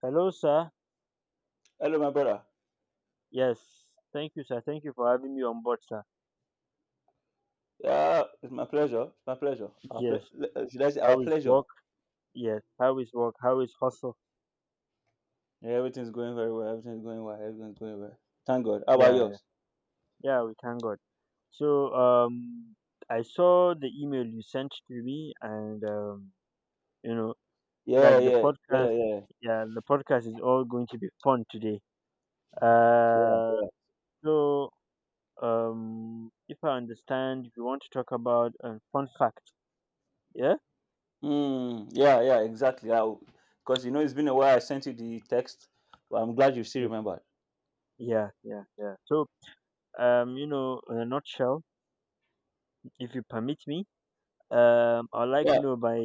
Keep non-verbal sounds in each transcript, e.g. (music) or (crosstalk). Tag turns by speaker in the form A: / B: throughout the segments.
A: Hello, sir.
B: Hello, my brother.
A: Yes. Thank you, sir. Thank you for having me on board, sir.
B: Yeah, it's my pleasure. It's my pleasure. Our ple-
A: Yes.
B: uh, should I say our
A: How is
B: pleasure?
A: work? Yes. How is work? How is hustle?
B: Yeah, everything's going very well. Everything's going well. Everything's going well. Thank God. How about
A: Yeah, yeah.
B: yours?
A: Yeah, we thank God. So, I saw the email you sent to me, and you know,
B: Yeah,
A: like the
B: yeah, yeah,
A: podcast.
B: yeah,
A: Yeah, the podcast is all going to be fun today.
B: yeah,
A: Uh,
B: yeah.
A: so, if I understand, we want to talk about a fun fact. Yeah.
B: Mm, yeah, yeah, exactly. Because you know it's been a while. I sent you the text. But I'm glad you still
A: Like,
B: remembered.
A: yeah, yeah, yeah. So, in a nutshell. If you permit me, I like
B: Yeah,
A: by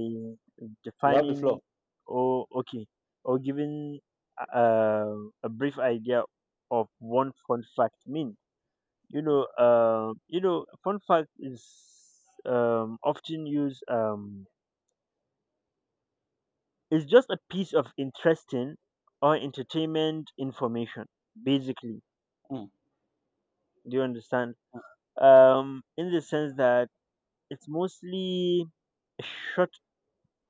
B: you have the floor.
A: defining, or okay, or giving uh, a brief idea of one fun fact. I mean, fun fact is, often used. It's just a piece of interesting or entertainment information, basically.
B: Mm,
A: Do you understand? In the sense that it's mostly short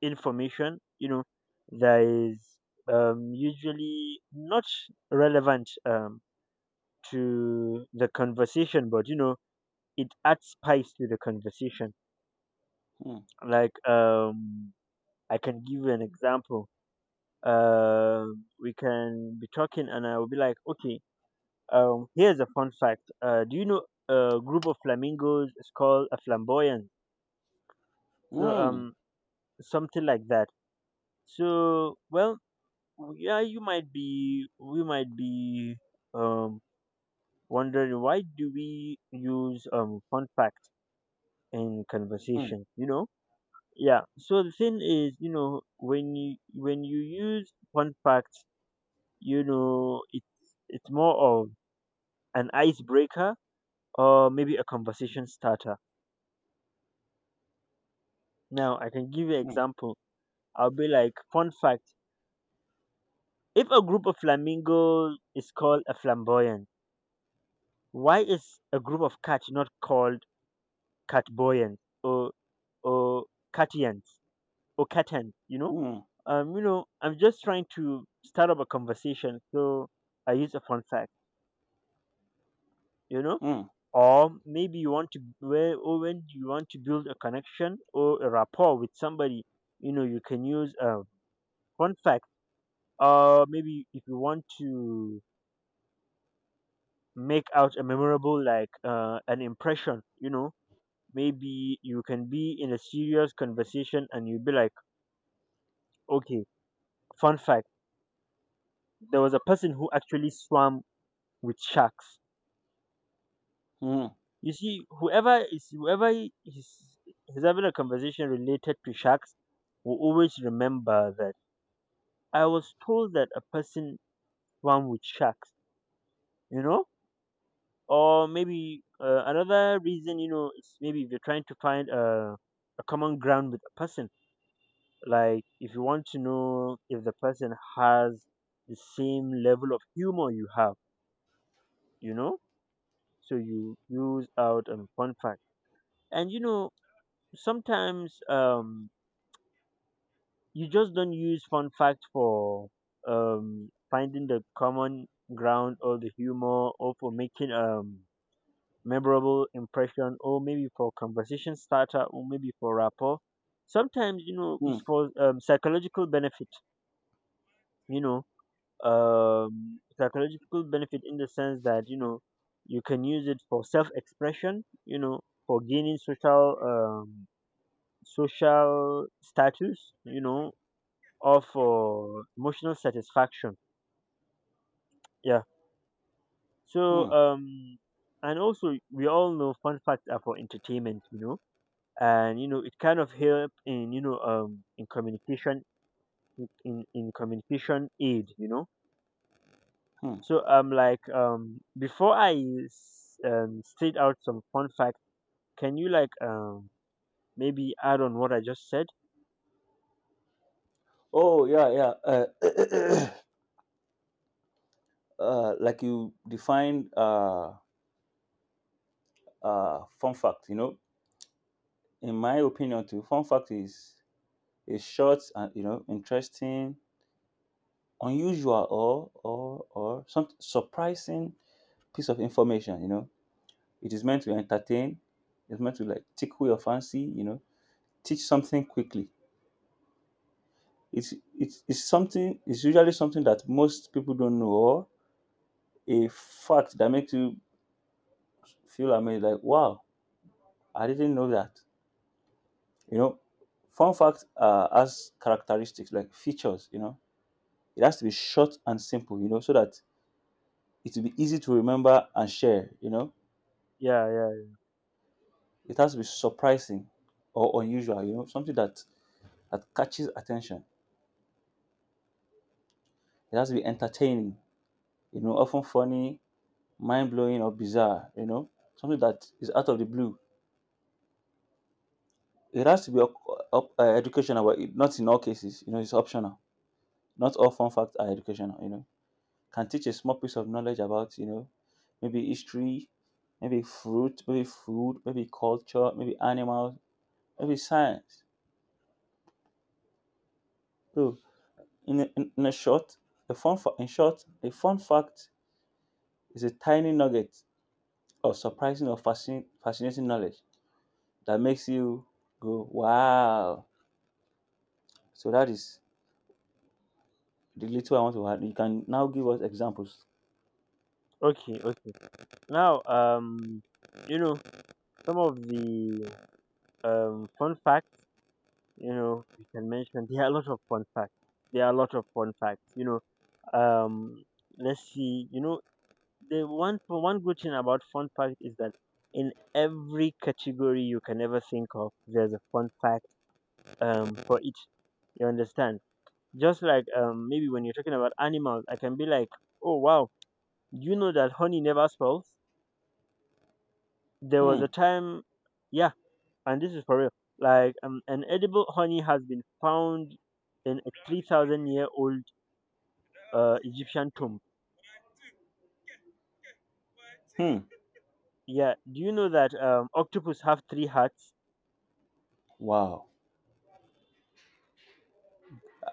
A: information, that is, usually not relevant, to the conversation, but it adds spice to the conversation.
B: mm,
A: Like, I can give you an example. Um we can be talking, and I will be like, okay, here's a fun fact. Do you know a group of flamingos is called a flamboyant? So,
B: mm,
A: something like that. So, well, oh, yeah, you might be we might be um wondering, why do we use contract in
B: mm,
A: conversation. Yeah, so the thing is, when you use contract, it's more of an icebreaker, or maybe a conversation starter. Now I can give you an
B: mm,
A: example. I'll be like, fun fact, if a group of flamingos is called a flamboyant, why is a group of cats not called Catboyans, or Catians, or Catans?
B: mm,
A: I'm just trying to start up a conversation, so I use a fun fact, you know.
B: mm,
A: Or maybe you want to where or when you want to build a connection or a rapport with somebody, you can use a fun fact. Or maybe if you want to make out a memorable, like, an impression, maybe you can be in a serious conversation, and you be like, okay, fun fact, there was a person who actually swam with sharks.
B: mm,
A: You see, whoever is having a conversation related to sharks will always remember that I was told that a person swam with sharks. You know, or maybe, another reason is, maybe if you're trying to find a common ground with a person, like if you want to know if the person has the same level of humor you have, you know, so you use out, fun fact. And, sometimes, you just don't use fun fact for, finding the common ground, or the humor, or for making memorable impression, or maybe for conversation starter, or maybe for rapport. Sometimes,
B: mm,
A: it's for, psychological benefit. You know, Psychological benefit, in the sense that you can use it for self-expression. For gaining social status, or for emotional satisfaction. Yeah. So,
B: mm,
A: and also we all know fun facts are for entertainment. And, it kind of help in, in communication, in communication aid.
B: mm.
A: So, like, before I state out some fun facts, can you, like, maybe add on what I just said?
B: Oh yeah, yeah. (coughs) (clears throat) Like you defined. Fun fact. You know, in my opinion, too, fun fact is a short and interesting, unusual, or some surprising piece of information. You know, it is meant to entertain. It's meant to like tickle your fancy. You know, teach something quickly. It's something. It's usually something that most people don't know, or a fact that makes you feel amazed, like wow, I didn't know that. You know, fun fact has characteristics like features. You know it has to be short and simple, you know, so that it will be easy to remember and share, you know.
A: Yeah, yeah.
B: It has to be surprising or unusual, you know, something that catches attention. It has to be entertaining, you know, often funny, mind blowing, or bizarre, you know, something that is out of the blue. It has to be educational, but not in all cases, you know, it's optional. Not all fun facts are educational, you know. Can teach a small piece of knowledge about, you know, maybe history, maybe fruit, maybe food, maybe culture, maybe animals, maybe science. So in a, in, in a short, in short, a fun fact is a tiny nugget of surprising or fascinating knowledge that makes you go, wow. So that is the little I want to add. You can now give us examples.
A: Okay, okay. Now, you know some of the, fun facts, you can mention. There are a lot of fun facts. There are a lot of fun facts. Um, let's see. The one good thing about fun fact is that in every category you can ever think of, there's a fun fact, for each. You understand? Just like, maybe when you're talking about animals, I can be like, oh wow, you know that honey never spoils. There
B: Hmm,
A: was a time, yeah, and this is for real. Like, an edible honey has been found in a 3,000-year old Egyptian tomb.
B: hmm,
A: Yeah, do you know that, octopus have three hearts?
B: wow.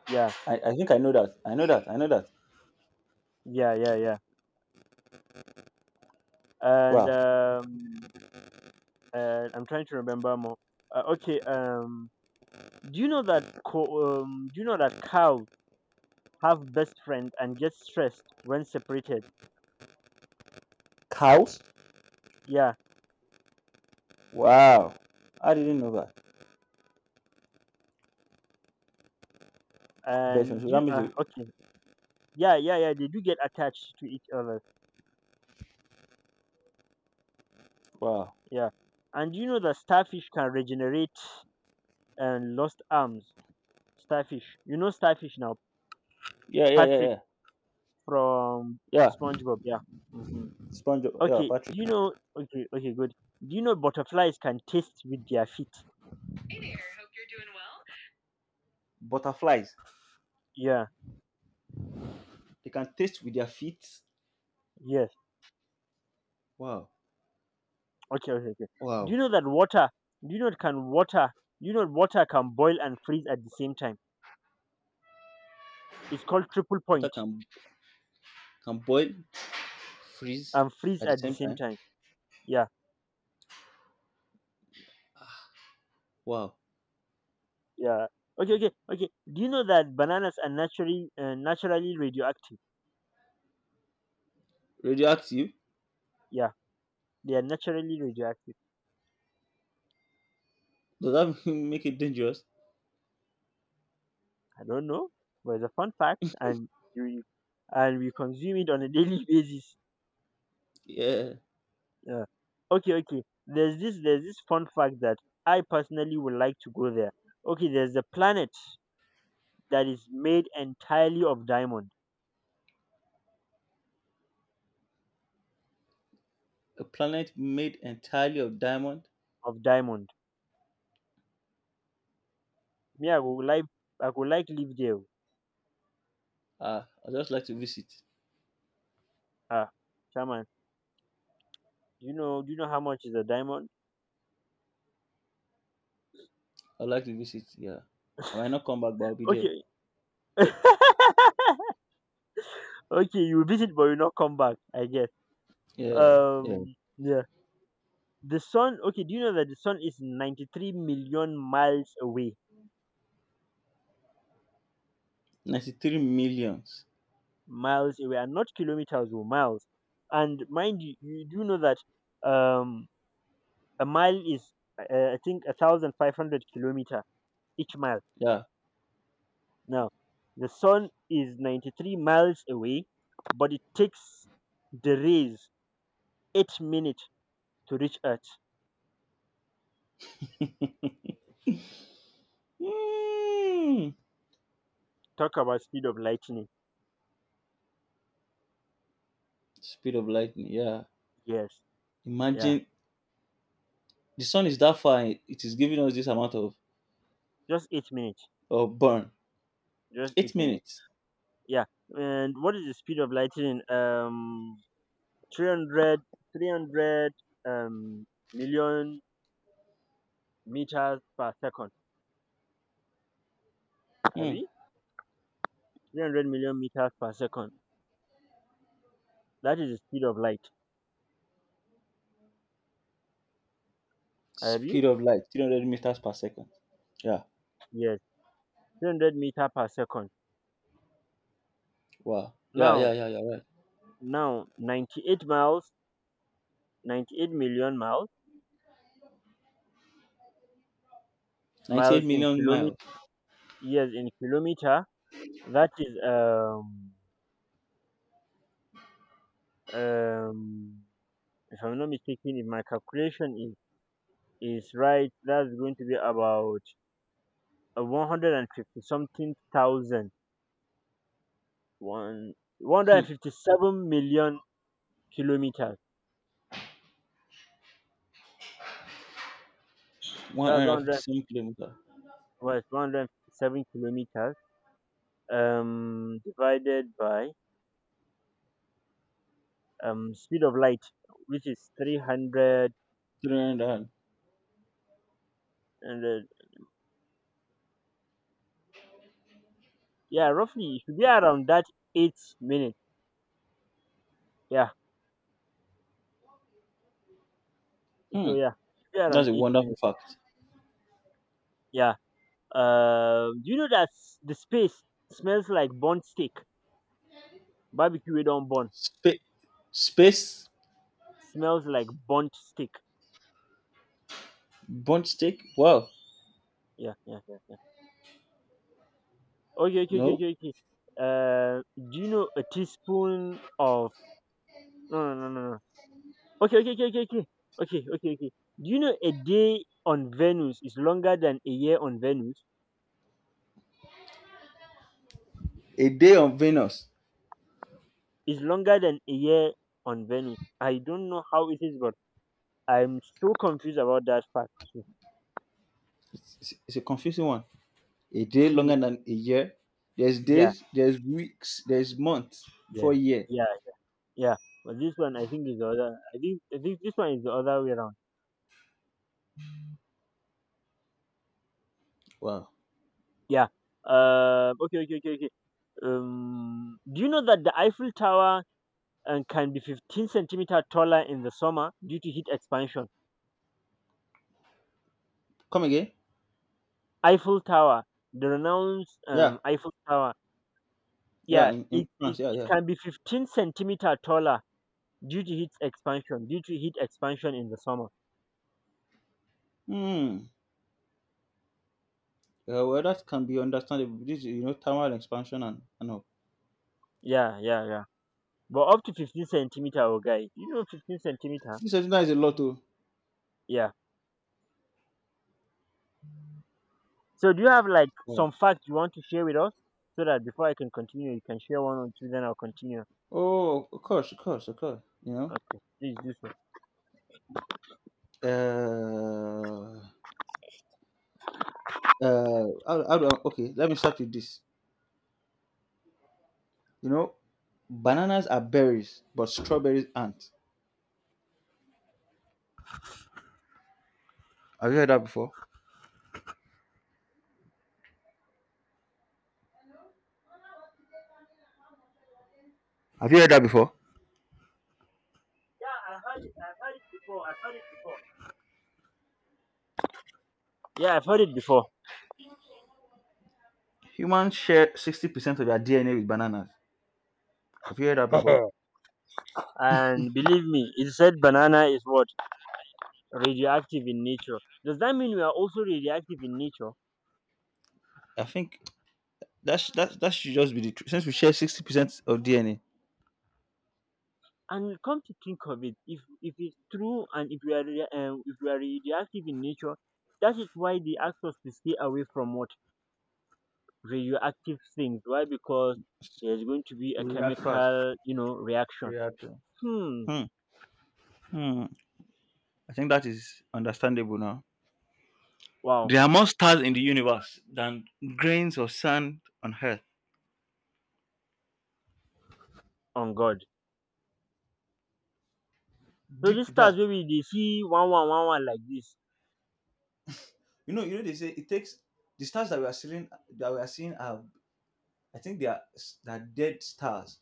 A: Yeah,
B: I think I know that. I know that. I know that.
A: yeah, yeah, yeah. And,
B: Wow.
A: I'm trying to remember more. Okay, do you know that do you know that cows have best friend and get stressed when separated?
B: Cows?
A: Yeah,
B: Wow. I didn't know that. Version.
A: and
B: So
A: do
B: that
A: you
B: means,
A: okay, yeah, yeah, yeah. They do get attached to each other.
B: wow.
A: Yeah. And you know that starfish can regenerate and lost arms. Starfish. You know starfish now.
B: Yeah, yeah, yeah,
A: Patrick
B: yeah.
A: from
B: Yeah.
A: SpongeBob. Yeah. Hmm.
B: SpongeBob. Yeah,
A: Okay.
B: Patrick.
A: Do you know? Okay. Okay. Good. Do you know butterflies can taste with their feet?
B: Butterflies.
A: Yeah.
B: They can taste with their feet.
A: Yes.
B: Wow.
A: Okay. Okay. Okay. Do
B: Wow.
A: you know that water? Do you know it can water? Do you know water can boil and freeze at the same time? It's called triple
B: Water
A: point
B: can boil, freeze
A: and freeze
B: at the
A: at the
B: same
A: same
B: time.
A: time. Yeah.
B: Wow.
A: Yeah. Okay, okay, okay. Do you know that bananas are naturally radioactive?
B: Radioactive?
A: Yeah, they are naturally radioactive.
B: Does that (laughs) make it dangerous?
A: I don't know, but it's a fun fact, and you and we consume it on a daily (laughs) basis.
B: Yeah.
A: Yeah. Okay, okay. There's this fun fact that I personally would like to go there. Okay, there's a planet that is made entirely
B: A planet made entirely of diamond.
A: of diamond. Me, I would like live there.
B: Ah, I'd just like to visit.
A: Ah, Shaman, do you know how much is a diamond?
B: I'd like to visit, yeah. I might not come back, but I'll be there.
A: Okay. (laughs) Okay, you visit but you not come back. I guess.
B: Yeah, yeah.
A: Yeah. The sun. Okay, do you know that the sun is 93 million miles away?
B: 93 millions.
A: Miles away, and not kilometers or miles. And mind you, you do know that, um, a mile is, I think, 1,500 kilometer each mile.
B: Yeah.
A: Now, the sun is 93 miles away, but it takes the rays 8 minutes to reach Earth.
B: Mm.
A: Talk about speed of lightning.
B: Speed of lightning, yeah.
A: Yes. Yeah.
B: Imagine the sun is that far, and it is giving us this amount of,
A: Just 8 minutes.
B: of burn.
A: Just beat
B: Eight
A: me.
B: minutes.
A: Yeah. And what is the speed of lightning? Three hundred, three hundred, um, million meters per second.
B: Hmm.
A: Abi? 300 million meters per second. That is the speed of light. Abi?
B: Speed of light, 300 meters per second. Yeah.
A: Yes. 300 meter per second.
B: Wow. Yeah, yeah,
A: Now,
B: yeah, yeah, right.
A: now, 98 miles, 98 million miles,
B: 98
A: miles in
B: million miles.
A: kilometer, yes, in kilometer. That is, um, if I'm not mistaken, if my calculation is right, that's going to be about, 150 something thousand, one,
B: Hmm.
A: 157 million kilometers. That's 100,
B: 157 kilometers.
A: was 157 kilometers, divided by, speed of light, which is 300.
B: 300.
A: And, yeah, roughly, it should be around that 8 minutes. Yeah, so
B: Hmm.
A: yeah, it should be around
B: That's a
A: 8
B: wonderful
A: minutes.
B: fact.
A: Yeah. Do you know that, the space smells like burnt steak? Barbecue, we don't burn.
B: Spa- space,
A: Smells like burnt steak.
B: burnt steak. Wow.
A: Yeah, yeah, yeah, yeah. Okay, okay, okay,
B: No.
A: okay. Okay. Do you know a teaspoon of no, no, no, no, no. Okay, okay, okay, okay, okay, okay, okay, okay. Do you know a day on Venus is longer than a year on Venus?
B: A day on Venus.
A: Is longer than a year on Venus. I don't know how it is, but I'm so confused about that fact too.
B: It's a confusing one. A day longer
A: (laughs)
B: than a year. There's
A: Yeah,
B: days, there's weeks, there's months before
A: yeah,
B: year.
A: yeah, yeah. But this one, I think, is the other. I think this one is the other way around.
B: Wow.
A: Yeah. Okay, okay, okay, okay. Do you know that the Eiffel Tower, can be 15 centimeter taller in the summer due to heat expansion?
B: Come again?
A: Eiffel Tower, the renowned,
B: Yeah.
A: Eiffel Tower.
B: Yeah.
A: Yeah,
B: In,
A: it,
B: in France.
A: it,
B: Yeah,
A: it
B: yeah.
A: can be 15 centimeter taller due to heat expansion, due to heat expansion in the summer.
B: Hmm. Well, that can be understandable. This, you know, thermal expansion and all.
A: Yeah, yeah, yeah. But up to 15 centimeter, oh guy. You know 15 centimeter?
B: This is a lot too.
A: Yeah. So do you have like
B: Yeah.
A: some facts you want to share with us so that before I can continue, you can share one or two, then I'll continue.
B: Oh, of course, of course, of course. You
A: Okay, please do so.
B: know, how do I, okay? Let me start with this. You know, bananas are berries, but strawberries aren't. Have you heard that before? Have you heard that before?
A: Yeah, I've heard it before. I've heard it before. Yeah, I've
B: Humans share 60% of their DNA with bananas. Have you heard that
A: heard it
B: before?
A: before. (laughs) And believe me, it said banana is what radioactive in nature. Does that mean we are also radioactive in nature?
B: I think that's that that should just be the truth. Since we share 60% of DNA,
A: And come to think of it, if it's true, and if we are if we are radioactive in nature, that is why they asked us to stay away from water. Radioactive things. Why? Because there's going to be a
B: react fast.
A: chemical, reaction.
B: Reaction.
A: Hmm.
B: Hmm. Hmm. I think that is understandable now.
A: Wow.
B: There are more stars in the universe than grains of sand on Earth.
A: On God. So these
B: Deep
A: stars,
B: that.
A: maybe they see one, one, one, one like this.
B: You know, they say it takes the stars that we are seeing are I think they are dead stars.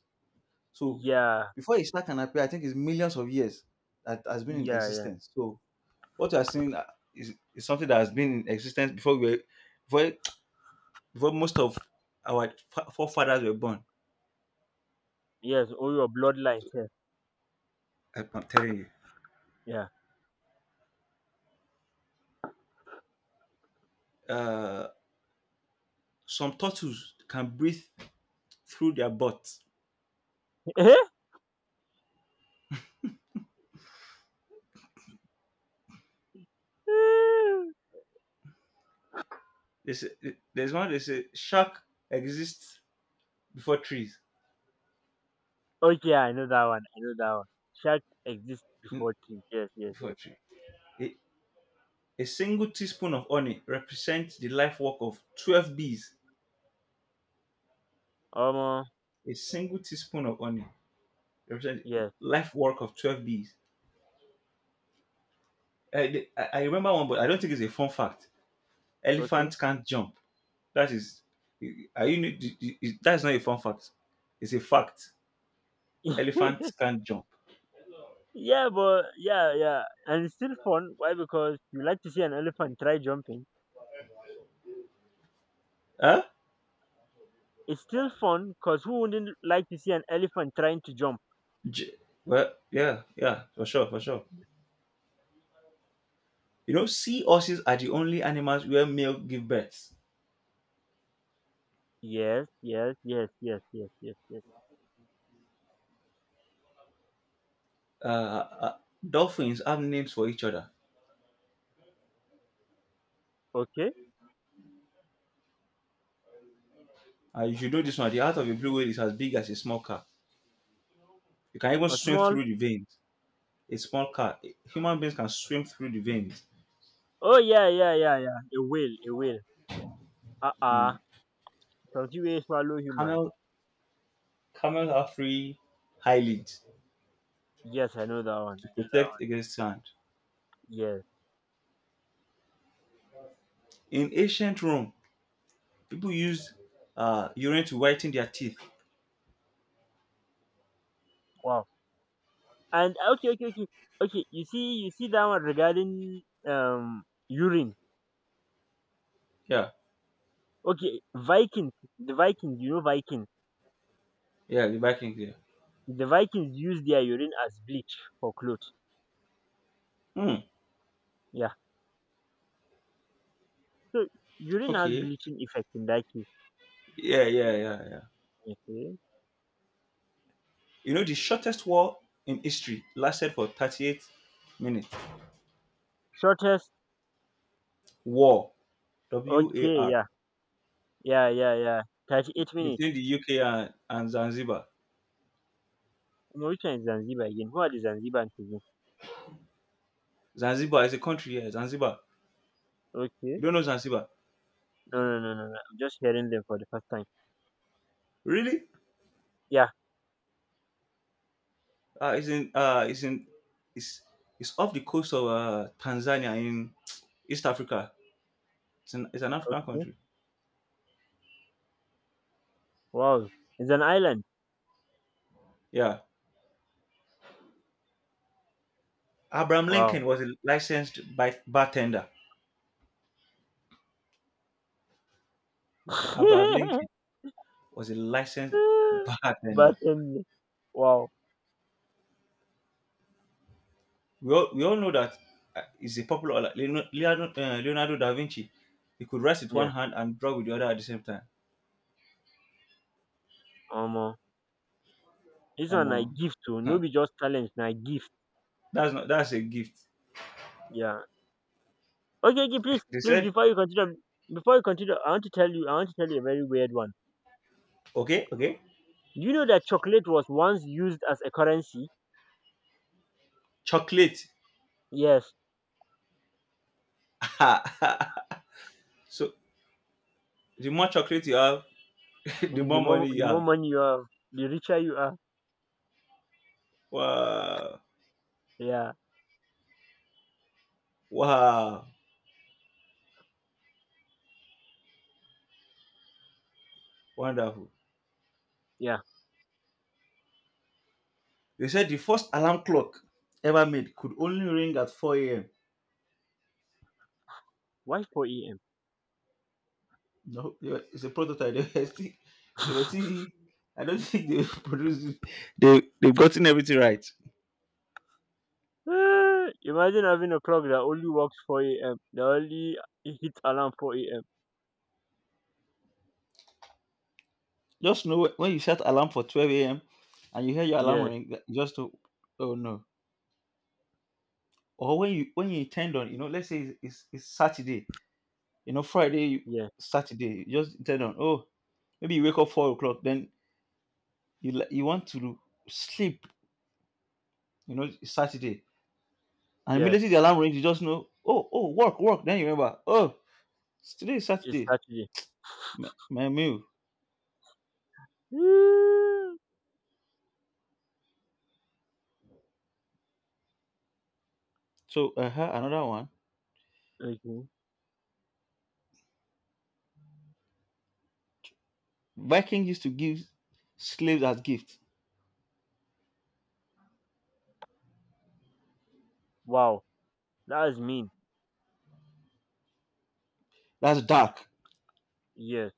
B: So
A: Yeah.
B: before a star can appear, I think it's millions of years that has been in
A: Yeah. Yeah.
B: existence. So what you are seeing is something that has been in existence before we were, before before most of our forefathers were born.
A: Yes. All your bloodline.
B: I'm telling you.
A: Yeah.
B: Uh, some turtles can breathe through their butt.
A: Yeah.
B: They say, there's one they say shark exists before trees.
A: (laughs) Okay. I know that one. I know that one. Shark exists
B: in-
A: before things. Yes. Yes.
B: Before
A: Yes.
B: tree. A, a single teaspoon of honey represents the life work of 12 bees.
A: Um. uh,
B: A single teaspoon of honey represents the
A: Yes.
B: life work of 12 bees. I remember one, but I don't think it's a fun fact.
A: Okay.
B: Elephant can't jump. That is, are you? That's not a fun fact. It's a fact.
A: (laughs)
B: Elephant can't jump.
A: Yeah. But yeah. Yeah. And it's still fun. Why? Because you like to see an elephant try jumping.
B: Huh?
A: It's still fun because who wouldn't like to see an elephant trying to jump?
B: J- well, yeah, yeah, for sure, for sure. You know, sea horses are the only animals where male give birth.
A: Yes, yes, yes, yes, yes, yes, yes.
B: Uh, uh, dolphins have names for each other.
A: Okay.
B: You should know this one. The heart of a blue whale is as big as a small car. You can even
A: A
B: swim
A: small.
B: through the veins. A small car. Human beings can swim through the veins.
A: Oh, yeah, yeah, yeah, yeah. A whale, a whale. Uh uh.
B: Mm.
A: Something will swallow human.
B: Camel, camels have three eyelids
A: Yes, I know that one.
B: to
A: I know that
B: protect
A: one.
B: against sand.
A: Yes.
B: In ancient Rome, people used urine to whiten their teeth.
A: Wow. And okay, okay, okay. Okay, you see that one regarding urine.
B: Yeah,
A: Okay, Vikings. The Vikings, you know Vikings.
B: yeah, the Vikings. Yeah.
A: The Vikings use their urine as bleach for clothes.
B: Hmm.
A: Yeah. So urine has
B: Okay.
A: bleaching effect in that case.
B: Yeah, yeah, yeah, yeah.
A: Okay.
B: You know, the shortest war in history lasted for 38 minutes.
A: Shortest,
B: War, W A
A: okay,
B: R,
A: yeah. Yeah, yeah, yeah. 38 minutes.
B: between the UK and Zanzibar.
A: No, which one is Zanzibar again? Who are the Zanzibar again?
B: Zanzibar is a country, yeah, Zanzibar.
A: Okay.
B: You don't know Zanzibar?
A: No, no, no, no, no. I'm just hearing them for the first time.
B: Really?
A: Yeah,
B: Uh, it's in, uh, it's in, it's, it's off the coast of Tanzania in East Africa. It's an African
A: okay.
B: country.
A: Wow. It's an island.
B: Yeah. Abraham
A: Wow.
B: Lincoln was a licensed bartender. Abraham Lincoln
A: (laughs)
B: was a licensed bartender.
A: but, um, wow.
B: We all know that is a popular like Leonardo da Vinci. He could write with one
A: Yeah.
B: hand and draw with the other at the same time.
A: Um, uh, this
B: Um,
A: one I
B: uh,
A: gift to. No
B: huh,
A: be just challenge. I gift.
B: that's not that's a gift.
A: Yeah. Okay, okay, please,
B: (laughs) They
A: please,
B: said,
A: before you continue, I want to tell you, a very weird one.
B: okay, okay,
A: Do you know that chocolate was once used as a currency?
B: chocolate.
A: Yes,
B: (laughs) So the more chocolate you have, (laughs) the
A: the
B: more
A: more
B: money you have.
A: money you have, the richer you are.
B: Wow,
A: Yeah,
B: wow, wonderful.
A: yeah.
B: They said the first alarm clock ever made could only ring at 4 a.m.
A: Why 4 a.m.?
B: No, it's a prototype. (laughs) They were still I don't think they (laughs) produced it. They've gotten everything right.
A: (laughs) Imagine having a clock that only works 4 a.m. That only hits alarm 4 a.m.
B: Just know when you set alarm for 12 a.m. and you hear your alarm
A: Yes,
B: ring, that- just to oh no. Or when you intend on, you know, let's say it's Saturday, you know, Friday,
A: yes,
B: Saturday, you just intend on. Oh, maybe you wake up 4 o'clock, then you want to sleep, you know, it's Saturday, and
A: yes.
B: immediately the alarm rings, you just know. Oh oh, work work. Then you remember. Oh, today is
A: It's
B: Saturday.
A: Saturday.
B: My meal.
A: (laughs)
B: So another one.
A: Okay.
B: Viking used to give slaves as gift.
A: Wow, that is mean.
B: That's dark.
A: Yes.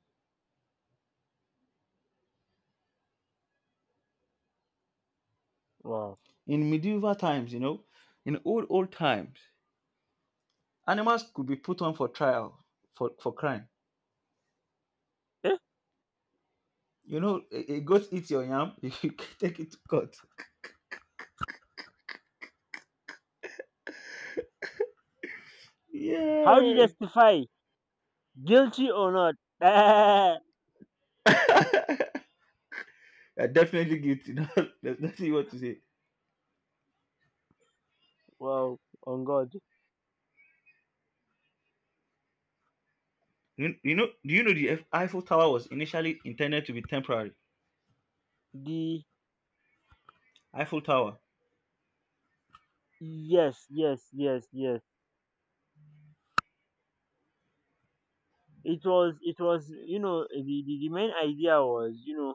A: Wow.
B: In medieval times, you know, in old times, animals could be put on for trial for crime.
A: Eh?
B: You know, a goat eats your yam, (laughs) you can take it to court.
A: How do you
B: Yeah,
A: justify, guilty or not? (laughs)
B: (laughs) you're definitely guilty. (laughs) No, there's nothing you want to say.
A: Wow. On God.
B: Do you know the Eiffel Tower was initially intended to be temporary?
A: The
B: Eiffel Tower.
A: Yes, yes, yes, yes. It was, the main idea was, you know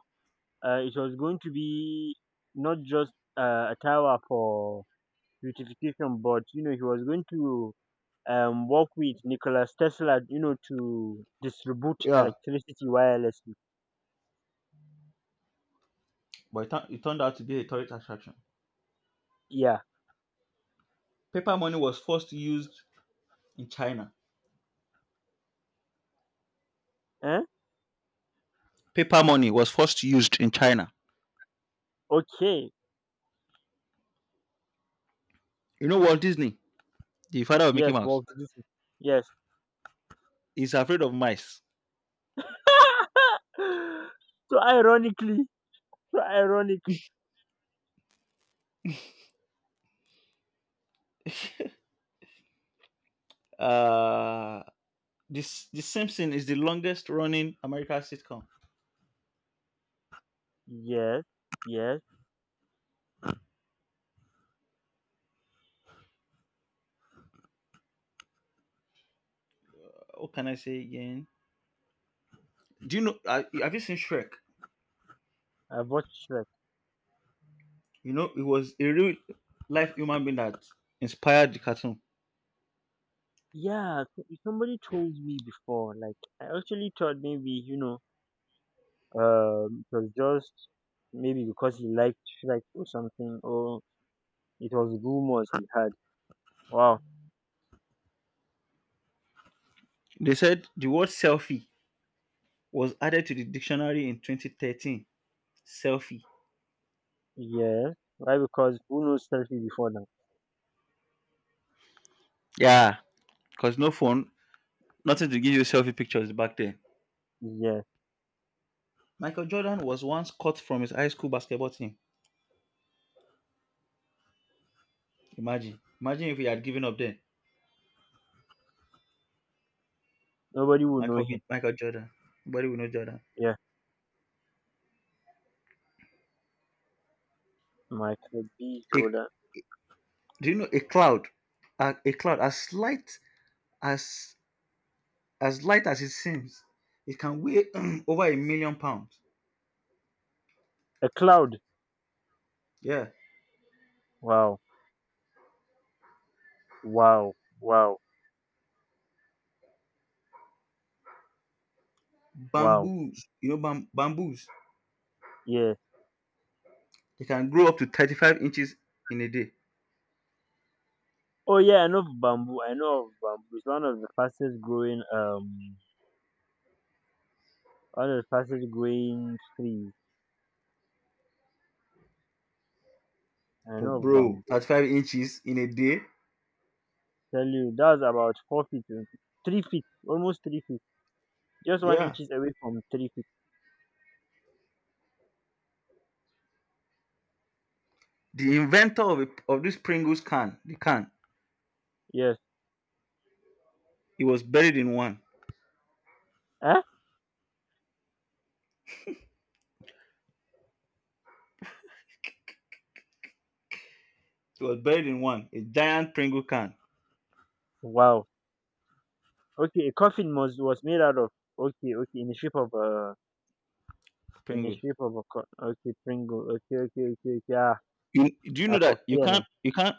A: uh, it was going to be, not just a tower for beautification, but he was going to, work with Nicholas Tesla, to distribute
B: Yeah,
A: electricity wirelessly.
B: but it turned out to be a tourist attraction.
A: Yeah.
B: Paper money was first used in China.
A: Eh?
B: Paper money was first used in China.
A: Okay.
B: You know Walt Disney, the father of Mickey
A: Yes,
B: Mouse,
A: well this yes.
B: is afraid of mice.
A: (laughs) So ironically, so ironic.
B: Uh, this The Simpsons is the longest running American sitcom.
A: Yes. Yes.
B: What can I say again? Do you know? Have you seen Shrek?
A: I've watched.
B: You know, it was a real life human being that inspired the cartoon.
A: Yeah, somebody told me before. Like, I actually thought, maybe, it was just maybe because he liked Shrek or something, or it was rumors he had. Wow.
B: They said the word selfie was added to the dictionary in 2013. Selfie.
A: Yeah. Why? Because who knows Selfie before now?
B: Yeah, because no phone, nothing to give you selfie pictures back then.
A: Yeah.
B: Michael Jordan was once cut from his high school basketball team. Imagine. Imagine if he had given up then.
A: Nobody will know him.
B: Michael Jordan. Nobody will know Jordan.
A: Yeah. Michael B.
B: A,
A: Jordan.
B: do you know a cloud? A cloud as light as as it seems. It can weigh (clears throat) over a million pounds.
A: A cloud.
B: Yeah.
A: Wow. Wow. Wow. Wow.
B: Bamboos. You know bamboos.
A: Yeah.
B: They can grow up to 35 inches in a day.
A: Oh yeah, I know of bamboo. I know of bamboo. It's one of the fastest growing, one of the fastest growing trees. I
B: But
A: know of
B: bro,
A: bamboo.
B: 35 inches in a day.
A: Tell you that's about 4 feet, 3 feet, almost 3 feet, just one
B: Yeah.
A: inches away from 3 feet.
B: The inventor of this Pringles can, the can,
A: Yes.
B: he was buried in one.
A: Huh?
B: It was buried in one, a giant Pringle can.
A: Wow. Okay, a coffin was made out of, okay, okay, in the shape of a, in the
B: Pringles.
A: shape of a co- okay, Pringle. Okay, okay, okay, okay. Ah,
B: You do you
A: I
B: know that
A: foresee an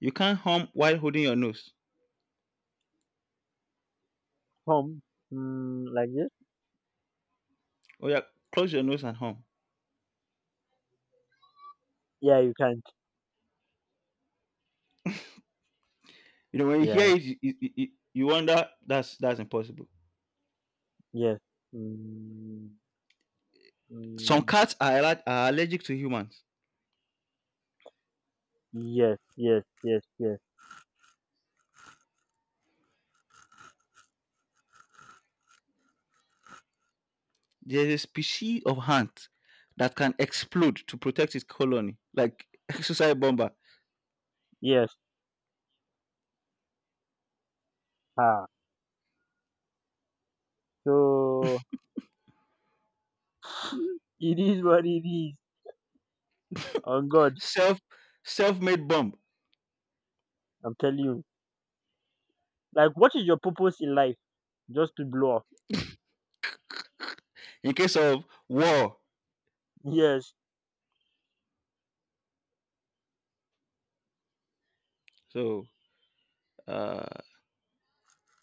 B: you can't hum while holding your nose.
A: form mm, like this.
B: Oh yeah, close your nose and hum.
A: Yeah, you can't.
B: You know when you
A: Yeah.
B: hear it, you wonder that's impossible.
A: Yes. Mm,
B: Some
A: mm,
B: cats are, are allergic to humans.
A: yes. Yes. Yes. Yes.
B: There's a species of ant that can explode to protect its colony, like (laughs) suicide bomber,
A: Yes. Ah. So (laughs) it is what it is. On God.
B: self self-made bomb
A: I'm telling you. Like, what is your purpose in life? Just to blow up?
B: in case of war.
A: Yes.
B: So uh,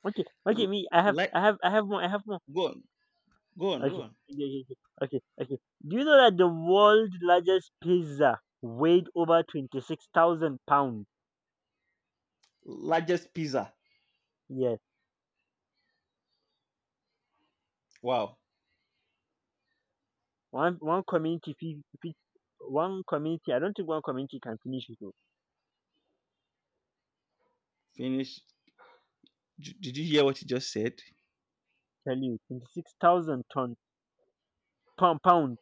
A: Okay.
B: l-
A: Okay. Me. I have.
B: like
A: I have. I have more. I have more.
B: go on, go on,
A: Okay.
B: go on.
A: Okay. Okay. Okay. Okay. Okay. Do you know that the world's largest pizza weighed over 26,000 pounds?
B: Largest pizza.
A: Yes.
B: Wow.
A: One. One community. One community. I don't think one community can finish it. Oh.
B: Finish. Did you hear what you just said?
A: Tell you. 26,000 ton, pound pound.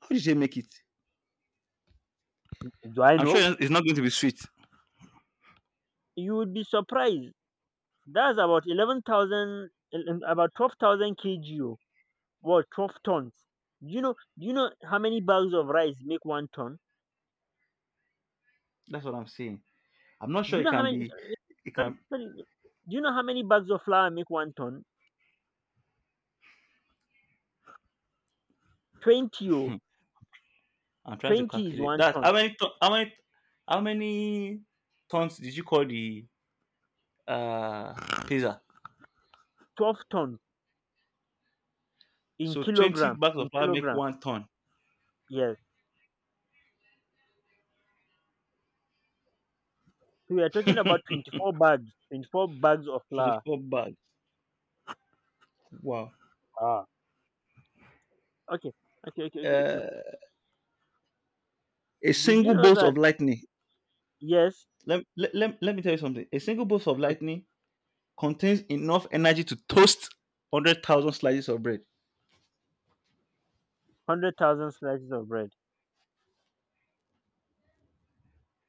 B: How did they make it?
A: Do I
B: I'm
A: know?
B: sure it's not going to be sweet.
A: You would be surprised. That's about 11,000. About 12,000 kg. Oh. What, 12 tons. Do you know how many bags of rice make 1 ton?
B: That's what I'm saying. I'm not
A: Do
B: sure
A: you
B: it
A: know how
B: can
A: many,
B: be. It can.
A: sorry, do you know how many bags of flour make 1 ton? 20 oh.
B: I'm trying to
A: 20 is
B: calculate
A: 1
B: that.
A: ton.
B: How many? How many? How many tons did you call the uh pizza?
A: 12 tons in
B: So 20
A: kilogram,
B: bags of
A: in
B: flour make
A: kilogram.
B: 1 ton.
A: Yes. So we are talking about 24 bags, 24 bags of flour.
B: 24 bags. Wow.
A: Ah. Okay. Okay, okay, okay, okay.
B: Uh, a
A: Did you
B: single
A: know
B: bolt of
A: that,
B: lightning.
A: yes,
B: Let me tell you something. A single bolt of
A: okay,
B: lightning contains enough energy to toast 100,000 slices of bread.
A: 100,000 slices of bread.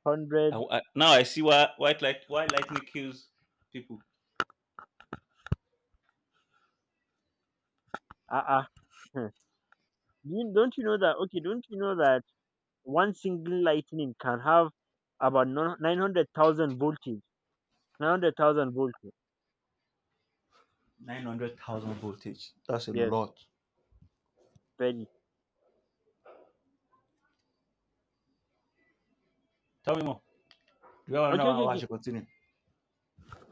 A: 100.
B: Now I see why lightning kills people.
A: Uh-uh. Hmm. Don't you know that, okay, don't you know that one single lightning can have about nine 900,000 voltage. 900,000 voltage.
B: 900,000 voltage. That's a
A: Yes,
B: lot.
A: very.
B: Tell me more. Do you have another
A: Okay,
B: one
A: okay,
B: or I
A: okay.
B: should continue?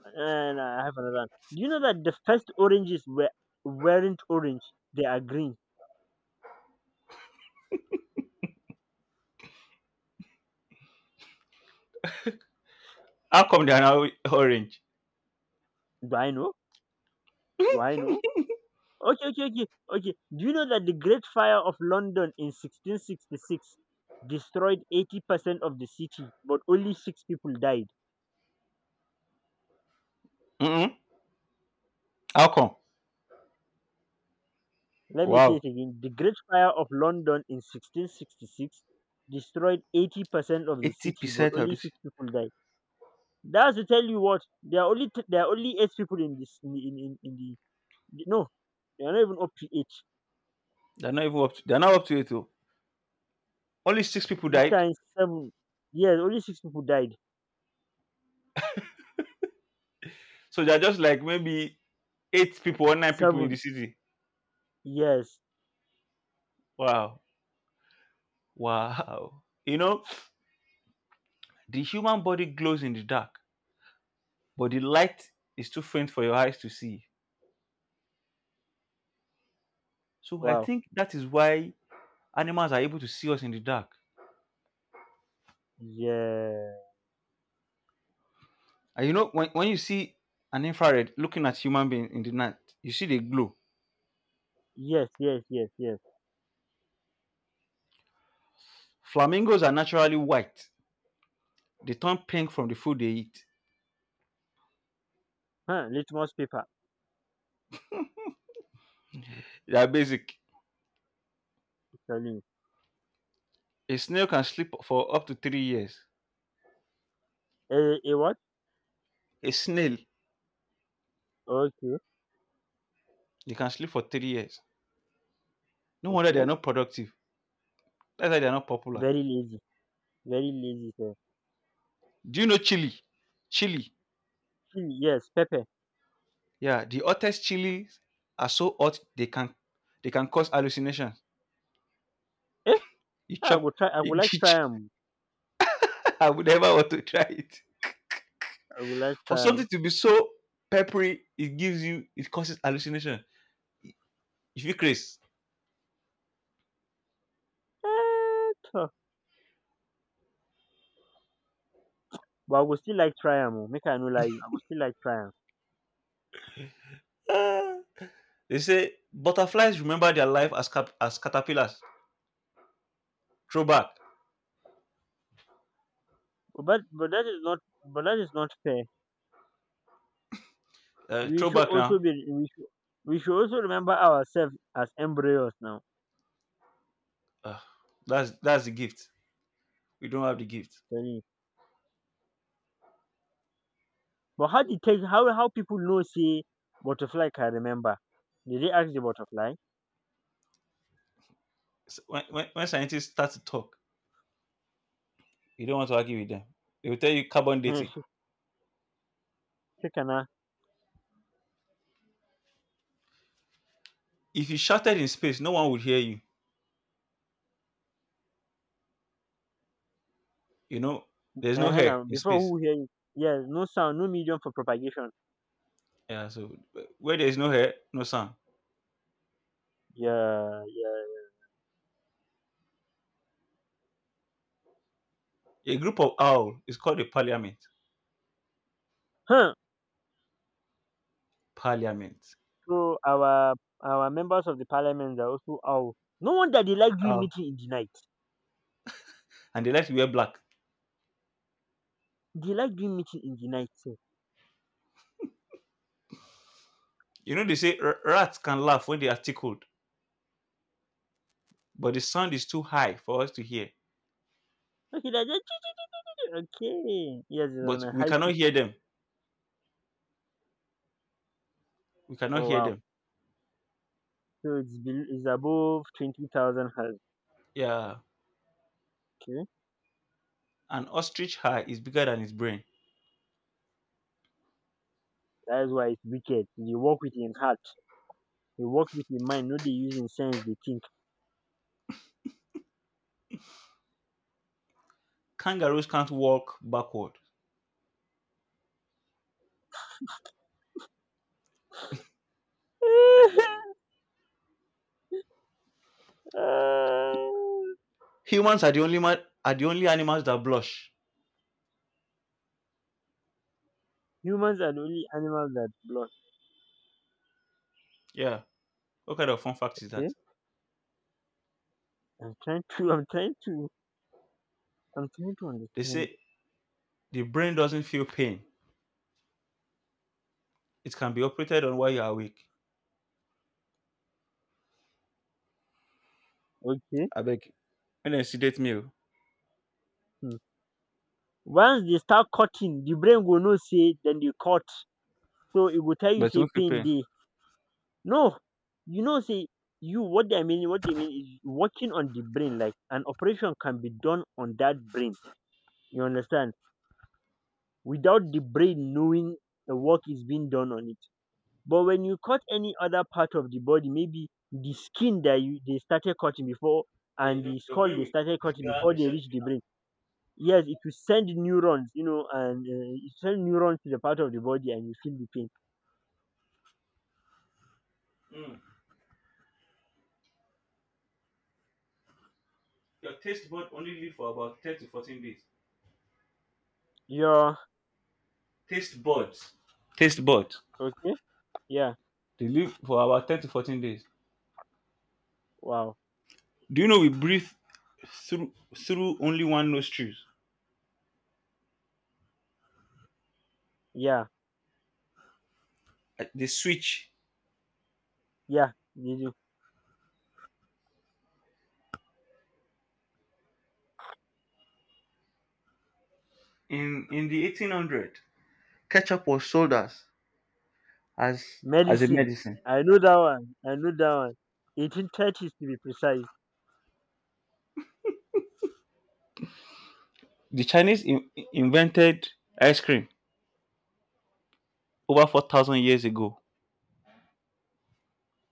A: And I have another one. Do you know that the first oranges weren't orange? They are green.
B: How come they are now orange?
A: Do I know? Do I know?
B: (laughs)
A: Okay, okay, okay, okay. Do you know that the Great Fire of London in 1666 destroyed 80% of the city, but only six people died?
B: Mm-mm. How come?
A: Let me say
B: Wow.
A: it again. The Great Fire of London in 1666 destroyed 80% of the city, but
B: 80% of
A: only
B: this.
A: six people died. That's to tell you, what, there are only there are only eight people in this, in the, no, they are not even up to eight.
B: They're not up to it. Oh. Only six people
A: This
B: died.
A: kind seven. Yes, only six people died.
B: So they're just like maybe eight people or nine people in the
A: Seven.
B: city.
A: Yes.
B: Wow. Wow. You know, the human body glows in the dark, but the light is too faint for your eyes to see. So I
A: Wow.
B: think that is why animals are able to see us in the dark.
A: Yeah.
B: And you know, when you see an infrared looking at human being in the night, you see the glow.
A: Yes, yes, yes, yes.
B: Flamingos are naturally white. They turn pink from the food they eat.
A: Huh? Litmus paper
B: They are basic.
A: is telling you.
B: A snail can sleep for up to 3 years.
A: A what?
B: A snail,
A: Okay.
B: they can sleep for 3 years. No wonder they
A: Okay.
B: are not productive. That's why they are not popular.
A: very lazy Very lazy sir.
B: Do you know Chile? Chile.
A: Chili, yes, pepper.
B: Yeah, the hottest chilies are so hot they can cause hallucination.
A: Eh?
B: You chop,
A: I
B: (laughs)
A: would
B: you
A: like try
B: ch-.
A: am.
B: I would never want to try it.
A: I would like
B: For
A: try
B: something
A: am.
B: to be so peppery, it causes hallucination. If you craze,
A: Eh tor! But I would still like try am, oh. Make I no lie you, I would still like try am.
B: ah. They say butterflies remember their life as as caterpillars. Throwback,
A: But that is not, but that is not fair. We should
B: throwback
A: also
B: now.
A: be we should also remember ourselves as embryos now,
B: Ah, that's the gift. We don't have the gift.
A: tell you. But how dey take, how people know say butterfly can remember? Did they ask the butterfly?
B: So when when scientists start to talk, you don't want to argue with them. They will tell you carbon dating.
A: (laughs) Shikena.
B: If you shouted in space, no one would hear you. You know, there's no
A: Ehen
B: hair
A: na,
B: in
A: before,
B: space.
A: who hear you. Yes, no sound, no medium for propagation.
B: Yeah, so where there is no hair, no sound.
A: Yeah, yeah.
B: A group of owl is called a parliament.
A: Huh?
B: Parliament.
A: So our members of the parliament are also owl. No wonder they like doing
B: Owl.
A: meeting in the night.
B: And they like to wear black.
A: They like doing meeting in the night. So,
B: You know, they say rats can laugh when they are tickled, but the sound is too high for us to hear.
A: okay, they're, (laughs) okay. Yes, it's
B: But
A: on a
B: we
A: high
B: cannot
A: pitch.
B: hear them. We cannot
A: Oh
B: hear
A: wow.
B: them.
A: So it's it's above 20,000 hertz.
B: Yeah.
A: Okay,
B: An ostrich high is bigger than its brain.
A: that is why it's wicked. You work with your heart. You work with your mind. Not they using sense. They think.
B: Kangaroos can't walk backward.
A: (laughs) Ah.
B: Humans are the only ma- are the only animals that blush.
A: Humans are the only animals that blush.
B: Yeah. What kind of fun fact is that?
A: Okay, I'm trying to. I'm trying to. I'm trying to
B: They
A: understand.
B: say the brain doesn't feel pain. It can be operated on while you're awake.
A: Okay.
B: I Abeg. When dem sedate me o,
A: Hmm. Once they start cutting, the brain go know sey dem dey cut, so e go tell you
B: but you
A: say
B: won't feel
A: pain
B: pain.
A: dey. No! You know say, you, what I mean, what they mean, is working on the brain like an operation can be done on that brain, you understand, without the brain knowing the work is being done on it. But when you cut any other part of the body, maybe the skin, that you they started cutting before,
B: Yeah, you
A: and
B: know,
A: the
B: your
A: skull
B: brain
A: they
B: will
A: started cutting
B: trigger
A: before they
B: receptive
A: reach the brain. Yes, it will send neurons, you know, and it send neurons to the part of the body, and you feel the pain.
B: nerve. Mm. Your taste bud only live for about 10 to 14 days.
A: Yeah.
B: Taste buds. Taste buds.
A: Okay. Yeah.
B: They live for about 10 to 14 days.
A: Wow.
B: Do you know we breathe through through only one nostril?
A: Yeah.
B: They switch
A: Yeah. You do.
B: in the 1800. Ketchup was sold as as as a
A: Medicine.
B: medicine.
A: I know that one. I know that one. 1830s, to be precise.
B: The Chinese invented ice cream over 4,000 years ago.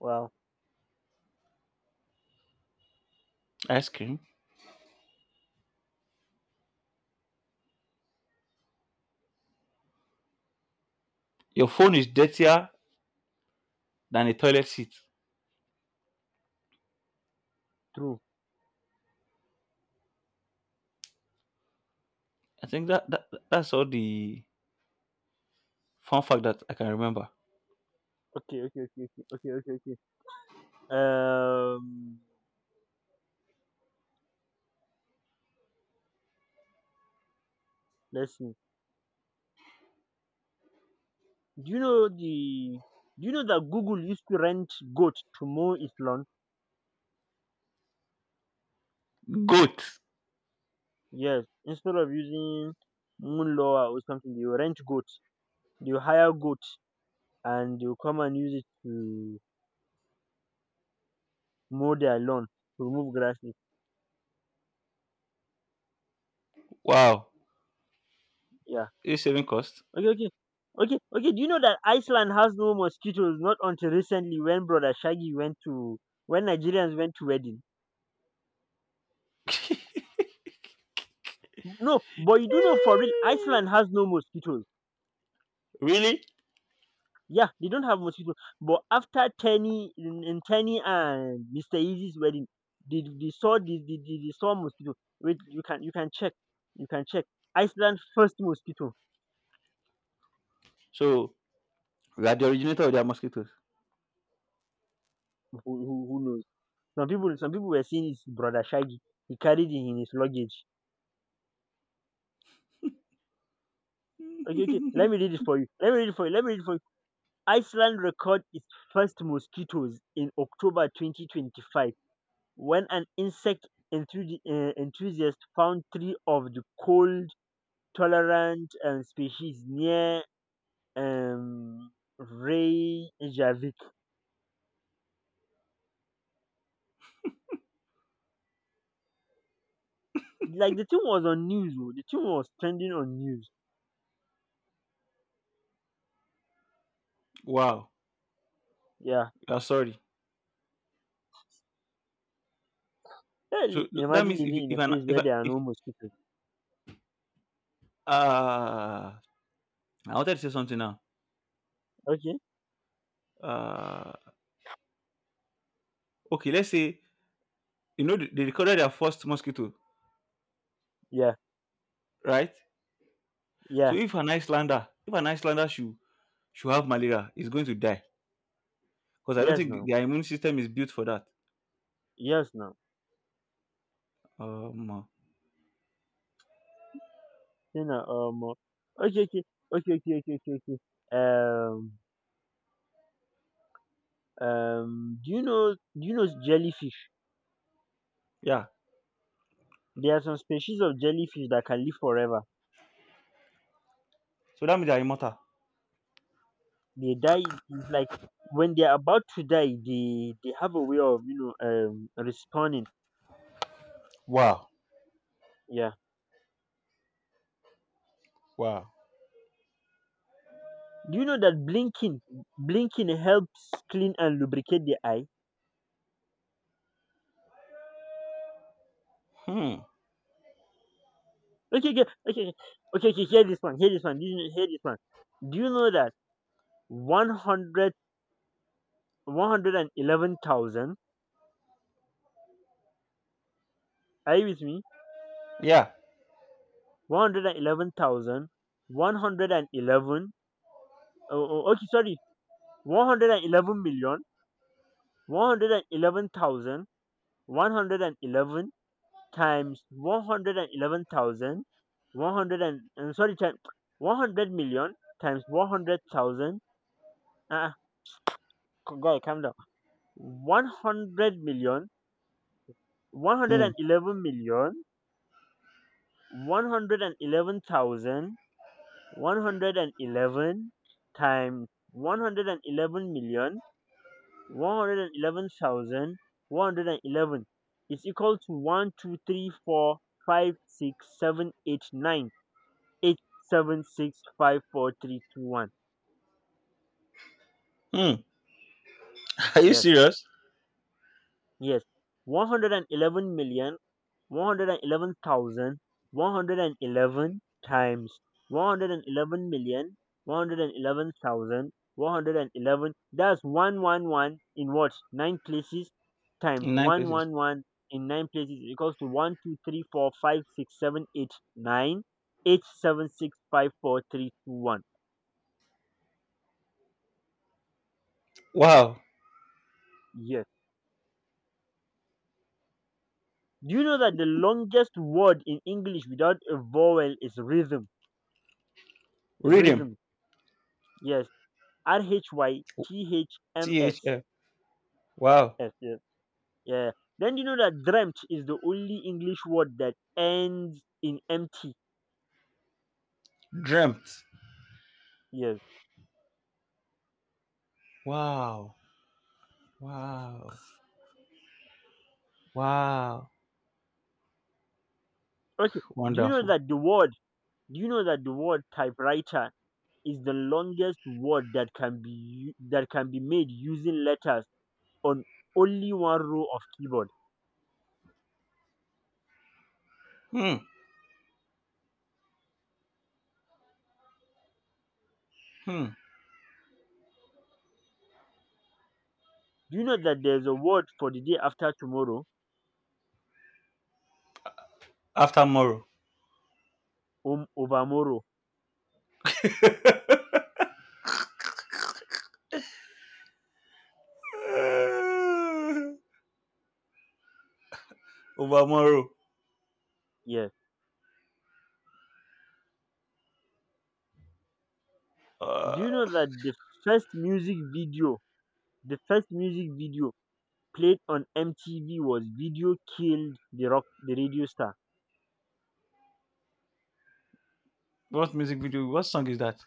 A: Wow.
B: Ice cream. Your phone is dirtier than a toilet seat.
A: True.
B: I think that's all the fun fact that I can remember.
A: Okay. Okay. Okay. Okay. Okay. Okay. Okay. Um. Let's see. Do you know the? Do you know that Google used to rent goat to mow its lawn?
B: Goat.
A: Yes. Instead of using moon law or something, they will rent goat. You hire goat, and they come and use it to mow their lawn, to remove grasses.
B: Wow.
A: Yeah.
B: Is it saving cost?
A: Okay, okay. Okay, okay. Do you know that Iceland has no mosquitoes? Not until recently when Brother Shaggy went to, when Nigerians went to wedding.
B: (laughs)
A: No, but you do know, for real, Iceland has no mosquitoes.
B: Really?
A: Yeah, they don't have mosquitoes. But after Tenny in Tenny and Mr. Easy's wedding, they saw the, they saw mosquito. Wait, you can check. You can check. Iceland first mosquito.
B: So we are the originator of their mosquitoes.
A: Who knows? Some people were seeing his brother Shaggy. He carried it in his luggage. Okay, okay. Let me read it for you. Let me read it for you. Let me read it for you. Iceland record its first mosquitoes in October 2025, when an insect enthusiast found three of the cold tolerant species near, um, Reykjavik. Like the thing was on news. Oh. The thing was trending on news.
B: Wow.
A: Yeah.
B: I'm sorry.
A: Well,
B: So that
A: imagine
B: means
A: living in
B: if
A: a
B: an
A: place where there are
B: if
A: no mosquitoes.
B: uh I wanted to say something now.
A: Okay.
B: Uh okay, let's say they recorded their first mosquito,
A: Yeah.
B: right? So
A: Yeah.
B: if an Icelander should, she'll have malaria. It's going to die because I don't
A: Yes,
B: think
A: no.
B: their immune system is built for that.
A: Yes, no.
B: Um, uh,
A: Okay, okay, okay, okay, okay, okay, okay. Um, do you know, jellyfish?
B: yeah.
A: There are some species of jellyfish that can live forever.
B: So that means they're immortal.
A: They die, it's like when they are about to die, they have a way of, responding.
B: Wow.
A: Yeah.
B: Wow.
A: Do you know that blinking helps clean and lubricate the eye?
B: Hmm.
A: Okay, okay, okay, okay, okay. Okay, hear this one. Hear this one. Hear this one. Do you know that 100, 111,000. Are you with me?
B: Yeah.
A: 111,000, 111. Oh, oh, okay, sorry. 111,000,000, 111,000, 111 times 111,000, 100 and, I'm sorry, times 100,000,000 times 100,000. Ah, guy, calm down. 100 million, one hundred
B: Hmm.
A: and eleven million, 111,000, 111 times 111,111,111 is equal to 1 2 3 4 5 6 7 8 9 8 7 6 5 4 3 2 1.
B: Hmm. (laughs) Are you
A: Yes,
B: serious?
A: yes. 111 million, 111,111 times 111,111,111. That's 111 in what? Nine places times
B: In nine places.
A: 111 in nine places equals to 1 2 3 4 5 6 7 8 9 8 7 6 5 4 3 2 1.
B: Wow.
A: Yes. Do you know that the longest word in English without a vowel is rhythm?
B: Rhythm.
A: Rhythm. Yes. RHYTHMS.
B: THF. Wow.
A: Yes, yes, yeah. Then you know that dreamt is the only English word that ends in empty.
B: Dreamt.
A: Yes.
B: Wow. Wow. Wow.
A: Okay. Do you know
B: Wonderful.
A: that the word? Do you know that the word typewriter is the longest word that can be that can be made using letters on only one row of keyboard?
B: Hmm. Hmm.
A: Do you know that there's a word for the day after tomorrow?
B: After tomorrow.
A: Overmorrow.
B: (laughs) Over tomorrow.
A: Yes. Do
B: Uh,
A: you know that the first music video, the first music video played on MTV was Video Killed the Rock the Radio Star.
B: what music video? What song is that?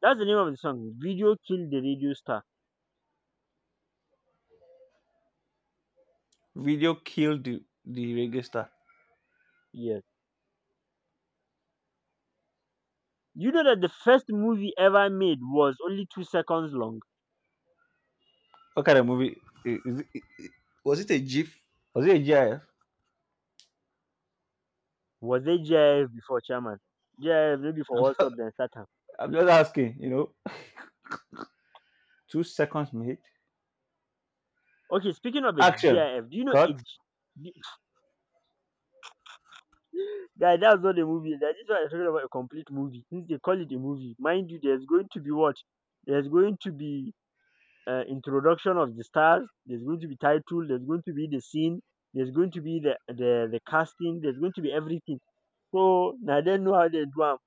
A: That's the name of the song. Video Killed the Radio Star.
B: Video killed the reggae star.
A: Yes. You know that the first movie ever made was only 2 seconds long.
B: What kind of movie is it, was it? A GIF? Was it a GIF?
A: Was it JIF before Chairman? JIF maybe
B: I'm (laughs)
A: for
B: just,
A: WhatsApp then start time.
B: I'm just asking. You know, 2 seconds made.
A: Okay, speaking of a
B: Action.
A: GIF, do you know a
B: Cut.
A: G- (laughs) guy, that's not a movie. That is why I'm talking about a complete movie. Since they call it a movie, mind you, there's going to be what? There's going to be introduction of the stars. There's going to be title. There's going to be the scene. There's going to be the casting. There's going to be everything. So now they know how they do am.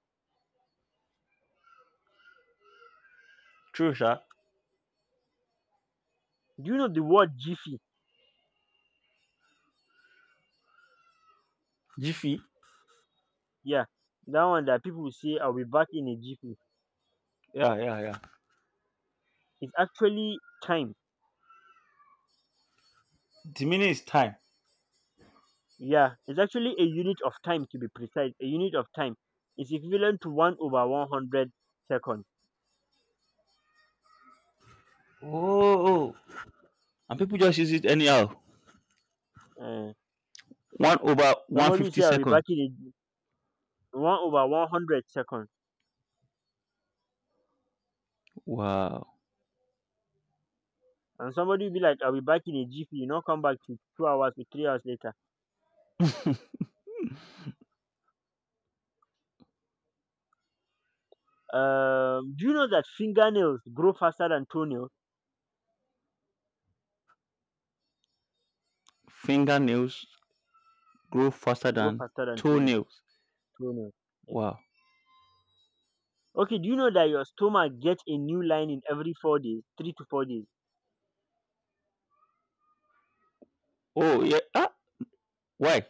B: Trusha shot.
A: Do you know the word jiffy?
B: Jiffy.
A: Yeah, that one that people say I'll be back in a jiffy.
B: Yeah, yeah, yeah.
A: It's actually time.
B: The minute is time.
A: Yeah, it's actually a unit of time to be precise. A unit of time is equivalent to one over one hundred one hundred second.
B: Oh, and people just use it anyhow.
A: Uh,
B: One over one
A: Somebody
B: fifty
A: say I'll be
B: seconds.
A: back in a one over 100 seconds.
B: Wow.
A: And somebody will be like, I'll be back in a jiffy, you know, come back to 2 hours or 3 hours later.
B: (laughs)
A: Do you know that fingernails grow faster than toenails?
B: Fingernails grow faster
A: Grow
B: than
A: faster than toenails.
B: toenails.
A: Toenails. Yes.
B: Wow.
A: Okay, do you know that your stomach gets a new lining every 4 days, 3 to 4 days?
B: Oh yeah. Ah, why?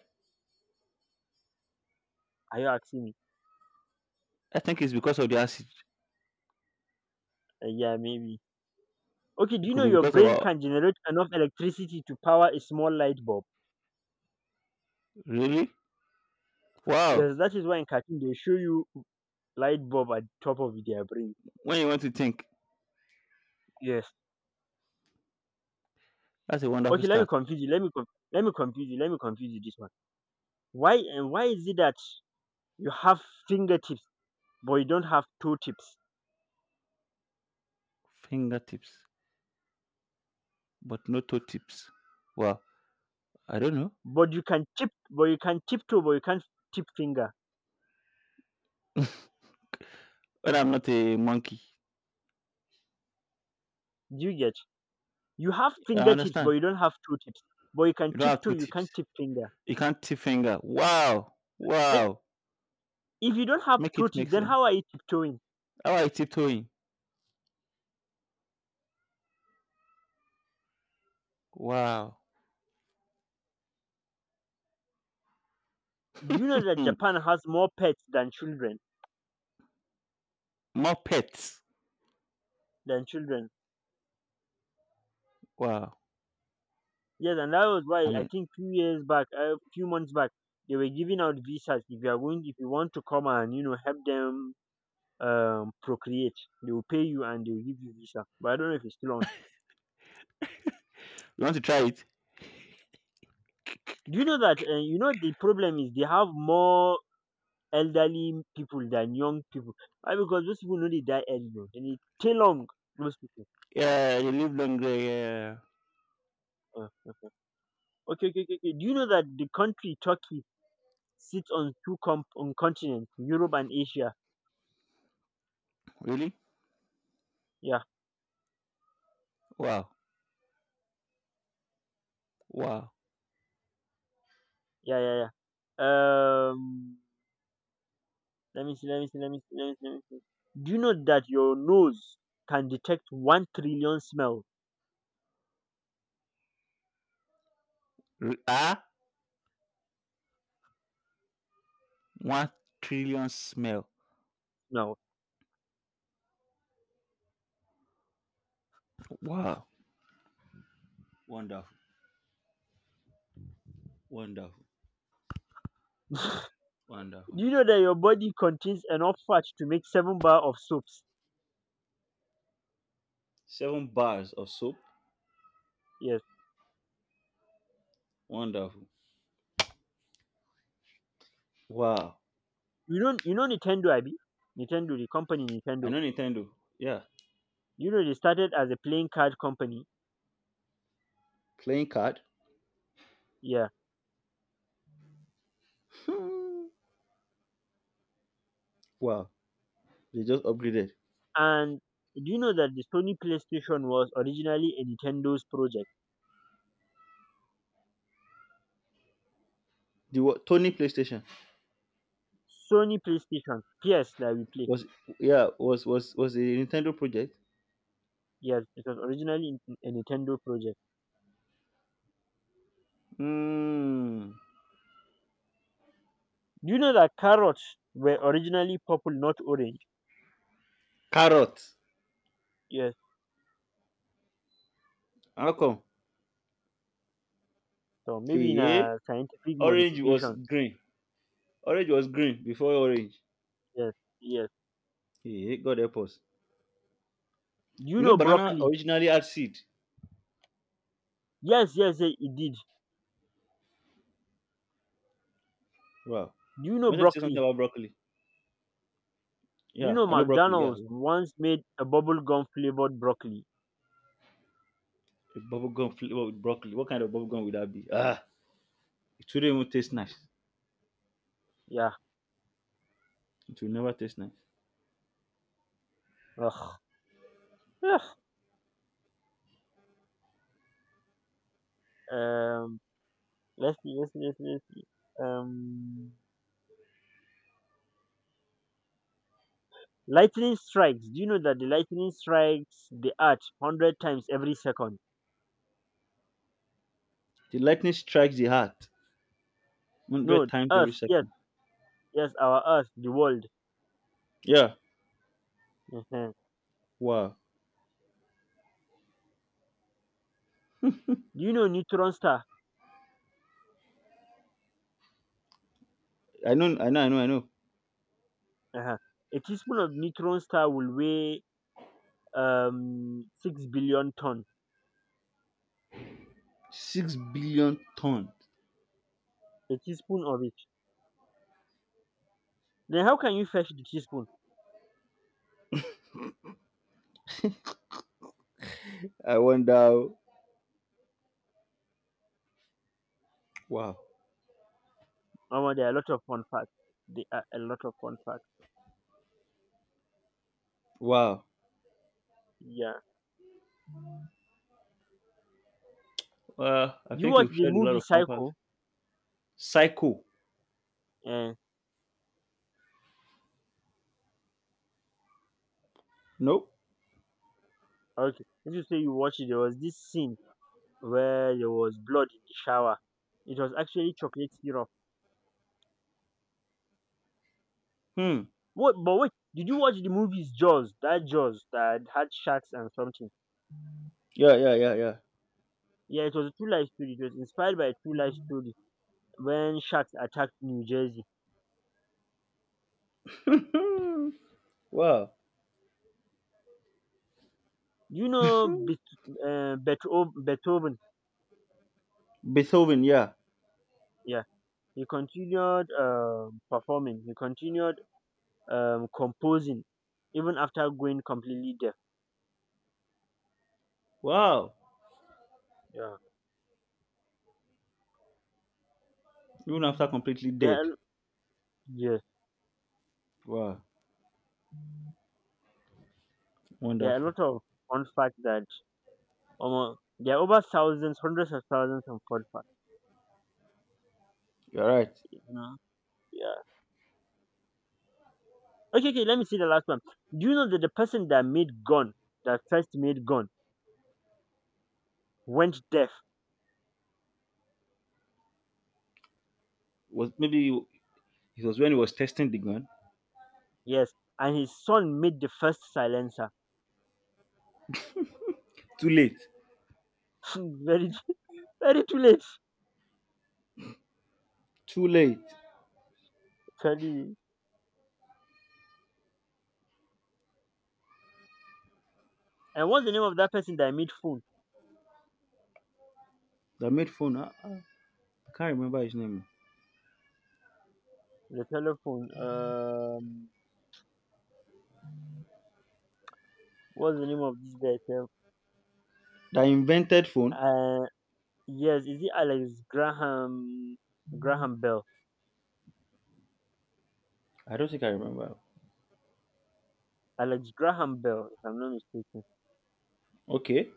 A: Are you asking me?
B: I think it's because of the acid.
A: Yeah, maybe. Okay, do
B: It
A: you
B: could
A: know
B: be
A: your
B: because of
A: brain
B: our.
A: can generate enough electricity to power a small light bulb?
B: Really? Wow.
A: Yes, that is why in cartoon they show you light bulb at the top of their brain.
B: When you want to think,
A: Yes.
B: that's a wonderful
A: Okay, let me
B: start.
A: confuse you. Let me confuse you. Let me confuse you. This, why and why is it that you have fingertips but you don't have toe tips,
B: Fingertips, but no toe tips. Wow. I don't know.
A: but you can tip but you can tiptoe but you can't tip finger?
B: (laughs) But I'm not a monkey.
A: Do you get? You have
B: I
A: fingertips but
B: understand.
A: you don't have toe tips, but you can
B: You don't have
A: tiptoe,
B: two
A: you
B: tips.
A: can't tip finger.
B: You can't tip finger. Wow.
A: Then
B: Wow.
A: if you don't have
B: Make
A: toe
B: it
A: tips
B: make
A: then
B: sense.
A: how are you tiptoeing?
B: How are you tiptoeing? Wow.
A: Do you know that
B: Hmm.
A: Japan has more pets than children?
B: More pets.
A: Than children.
B: Wow.
A: Yes, and that was
B: I
A: why I
B: mean,
A: think few years back, a few months back, they were giving out visas if you are going, if you want to come and you know help them procreate. They will pay you and they will give you visa but I don't know if it's still on.
B: you want to try it?
A: Do you know that you know the problem is they have more elderly people than young people? Why? Because those people know they die early, oh, they need too long, those people.
B: Yeah, you live longer. Yeah.
A: Okay. Okay, okay, okay, okay. Do you know that the country Turkey sits on two on continents, Europe and Asia?
B: Really?
A: Yeah.
B: Wow. Wow.
A: Yeah, yeah, yeah. um let me see, let me see, let me see, let me see, let me see. Do you know that your nose can detect 1 trillion smells?
B: Ah? 1 trillion smell.
A: Now.
B: Wow. Wonderful. Wonderful. Wonderful.
A: Do you know that your body contains enough fat to make seven bar of soaps?
B: Seven bars of soap.
A: Yes.
B: Wonderful. Wow.
A: You know Nintendo, Abby? Nintendo, the company
B: I
A: Nintendo.
B: know Nintendo. Yeah.
A: You know they started as a playing card company.
B: Playing card.
A: Yeah.
B: Wow. They just upgraded.
A: And do you know that the Sony PlayStation was originally a Nintendo's project?
B: Tony PlayStation
A: Sony PlayStation, PS that we play.
B: was, yeah, was a Nintendo project.
A: Yes, it was originally a Nintendo project.
B: Hmm.
A: Do you know that carrots were originally purple, not orange?
B: Carrot.
A: Yes.
B: How come?
A: So maybe in
B: Okay.
A: a scientific
B: Orange was
A: modification.
B: green. Orange was green before orange.
A: Yes. Yes.
B: Yeah. God help us.
A: Do you
B: You know,
A: know
B: banana
A: broccoli?
B: originally had seed.
A: Yes, yes, yes, it did.
B: Wow.
A: Do you know
B: Wanted to say something
A: broccoli?
B: about broccoli.
A: Do you
B: Yeah,
A: know
B: I know broccoli. Yeah,
A: McDonald's
B: yeah.
A: once made a bubblegum flavored broccoli?
B: A bubble gum flavor with broccoli. What kind of bubble gum would that be? Ah, it wouldn't even taste nice.
A: Yeah.
B: It will never taste nice.
A: Ugh. Ugh. Um, let's see, let's see, let's see, let's see. Um, lightning strikes. Do you know that the lightning strikes the earth 100 times every second?
B: The lightning strikes the heart hundred
A: No,
B: times every
A: Earth. Yes,
B: second.
A: yes, our Earth, the world.
B: Yeah.
A: Uh-huh.
B: Wow.
A: Do you know neutron star?
B: I know. I know. I know. I know.
A: Uh-huh. A teaspoon of neutron star will weigh 6 billion ton.
B: 6 billion tons.
A: A teaspoon of it. Then how can you fetch the teaspoon?
B: I wonder. Wow.
A: Oh, there are a lot of fun facts. There are a lot of fun facts.
B: Wow.
A: Yeah.
B: Well, I
A: You
B: think
A: watch
B: we've
A: the
B: shared a lot
A: movie
B: of fun facts.
A: Psycho?
B: Psycho.
A: Eh,
B: Nope.
A: okay. If you say you watch it, there was this scene where there was blood in the shower. It was actually chocolate syrup.
B: Hmm.
A: What? But wait, did you watch the movies Jaws? That Jaws that had sharks and something.
B: Yeah. Yeah. Yeah. Yeah.
A: Yeah, it was a true life story. It was inspired by a true life story when sharks attacked New Jersey.
B: Hmm. Wow.
A: You know, Beethoven. Beethoven.
B: Beethoven, yeah.
A: Yeah, he continued performing. He continued composing even after going completely deaf.
B: Wow.
A: Yeah,
B: Even after completely
A: there
B: dead.
A: are, yes,
B: Wow.
A: there are a
B: Wonderful.
A: lot of fun facts that almost there are over thousands, hundreds of thousands of fun facts.
B: You're right.
A: You know? Yeah. Okay, okay. Let me see the last one. Do you know that the person that made gun, that first made gun, went deaf?
B: Was maybe It was when he was testing the gun.
A: Yes, and his son made the first silencer.
B: Too late.
A: (laughs) Very, very too late.
B: Too late.
A: Tell you. And what's the name of that person that made food?
B: That made phone. I can't remember his name.
A: The telephone. What's the name of this guy? Sef?
B: That invented phone.
A: Uh, yes, is it Alex Graham? Graham Bell.
B: I don't think I remember.
A: Alex Graham Bell, if I'm not mistaken.
B: Okay.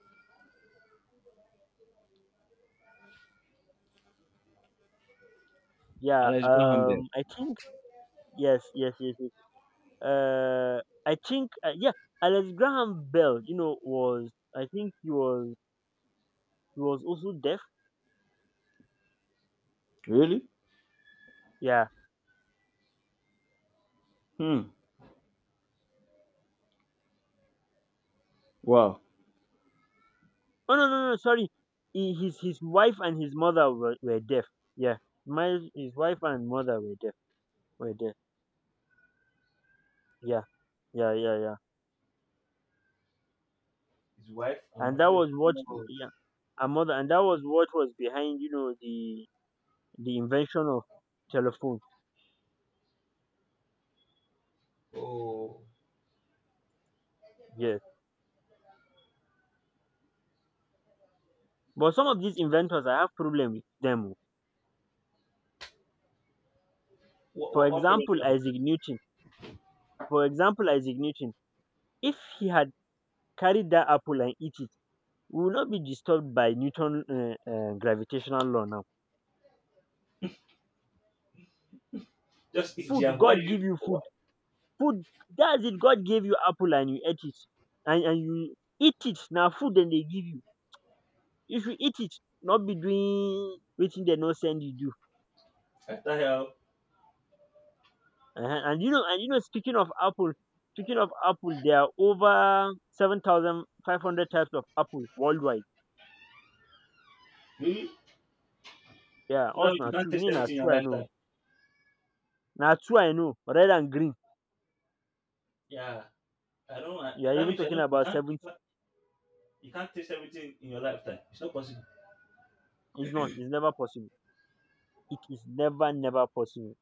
A: Yeah.
B: Alex Graham Bell.
A: I think yes, yes, yes, yes. Uh, I think yeah, Alex Graham Bell. You know, was I think he was, he was also deaf.
B: Really?
A: Yeah.
B: Hmm. Wow.
A: Oh no no no sorry. He, his wife and his mother were deaf. Yeah. My his wife and mother were deaf. Were deaf. Yeah. Yeah, yeah, yeah.
B: His wife and
A: And that
B: mother.
A: was what, yeah, our mother, and that was what was behind, you know, the invention of telephone.
B: Oh. Oh.
A: Yes, but some of these inventors I have problem with them oh.
B: What,
A: For
B: what, what problem
A: example
B: do you have?
A: Isaac Newton, for example isaac newton if he had carried that apple and eat it we will not be disturbed by Newton gravitational law now.
B: Just eat
A: Food,
B: jam. Why
A: god
B: did you?
A: give you food,
B: What
A: food. That's it, god gave you apple and you ate it and you eat it now food. Then they give you, you should eat it, not be doing waiting they no send you do.
B: the hell?
A: And you know, speaking of apple, there are over 7,500 types of apple worldwide.
B: Really?
A: Yeah,
B: So that
A: us
B: means you
A: now
B: can't
A: two,
B: taste
A: me now
B: everything in your
A: two I know,
B: lifetime.
A: now two I know, red and green.
B: Yeah. I don't. I,
A: You are
B: that
A: even
B: means you
A: talking
B: don't. You
A: about
B: can't. You
A: 70.
B: can't, you can't taste everything in your lifetime. It's not possible.
A: It's not. It's never possible. It is never, never possible.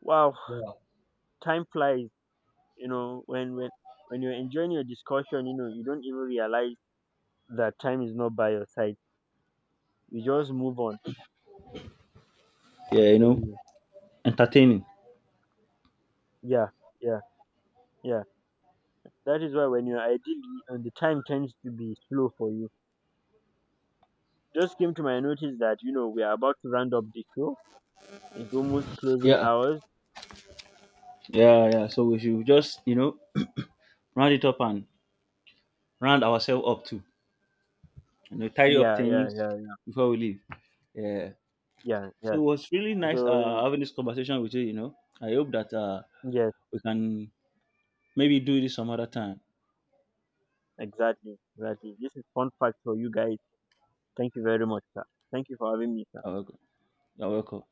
A: Wow,
B: Yeah.
A: time flies. You know, when you're enjoying your discussion, you know, you don't even realize that time is not by your side. You just move on. I'm
B: Yeah. You
A: telling
B: know.
A: you.
B: Entertaining.
A: Yeah, yeah, yeah. That is why when you're ideally and the time tends to be slow for you. Just came to my notice that, you know, we are about to round up the show. It's almost closing
B: Yeah,
A: hours.
B: yeah, yeah. So we should just, round it up and round ourselves up too. You know, tidy up
A: Yeah, yeah,
B: things
A: yeah,
B: before we leave. Yeah.
A: yeah,
B: So
A: yeah.
B: it was really nice
A: So
B: having this conversation with you. You know, I hope that
A: yes,
B: we can maybe do this some other time.
A: exactly, exactly. This is fun fact for you guys. Thank you very much, sir. Thank you for having me, sir.
B: You're welcome. You're welcome.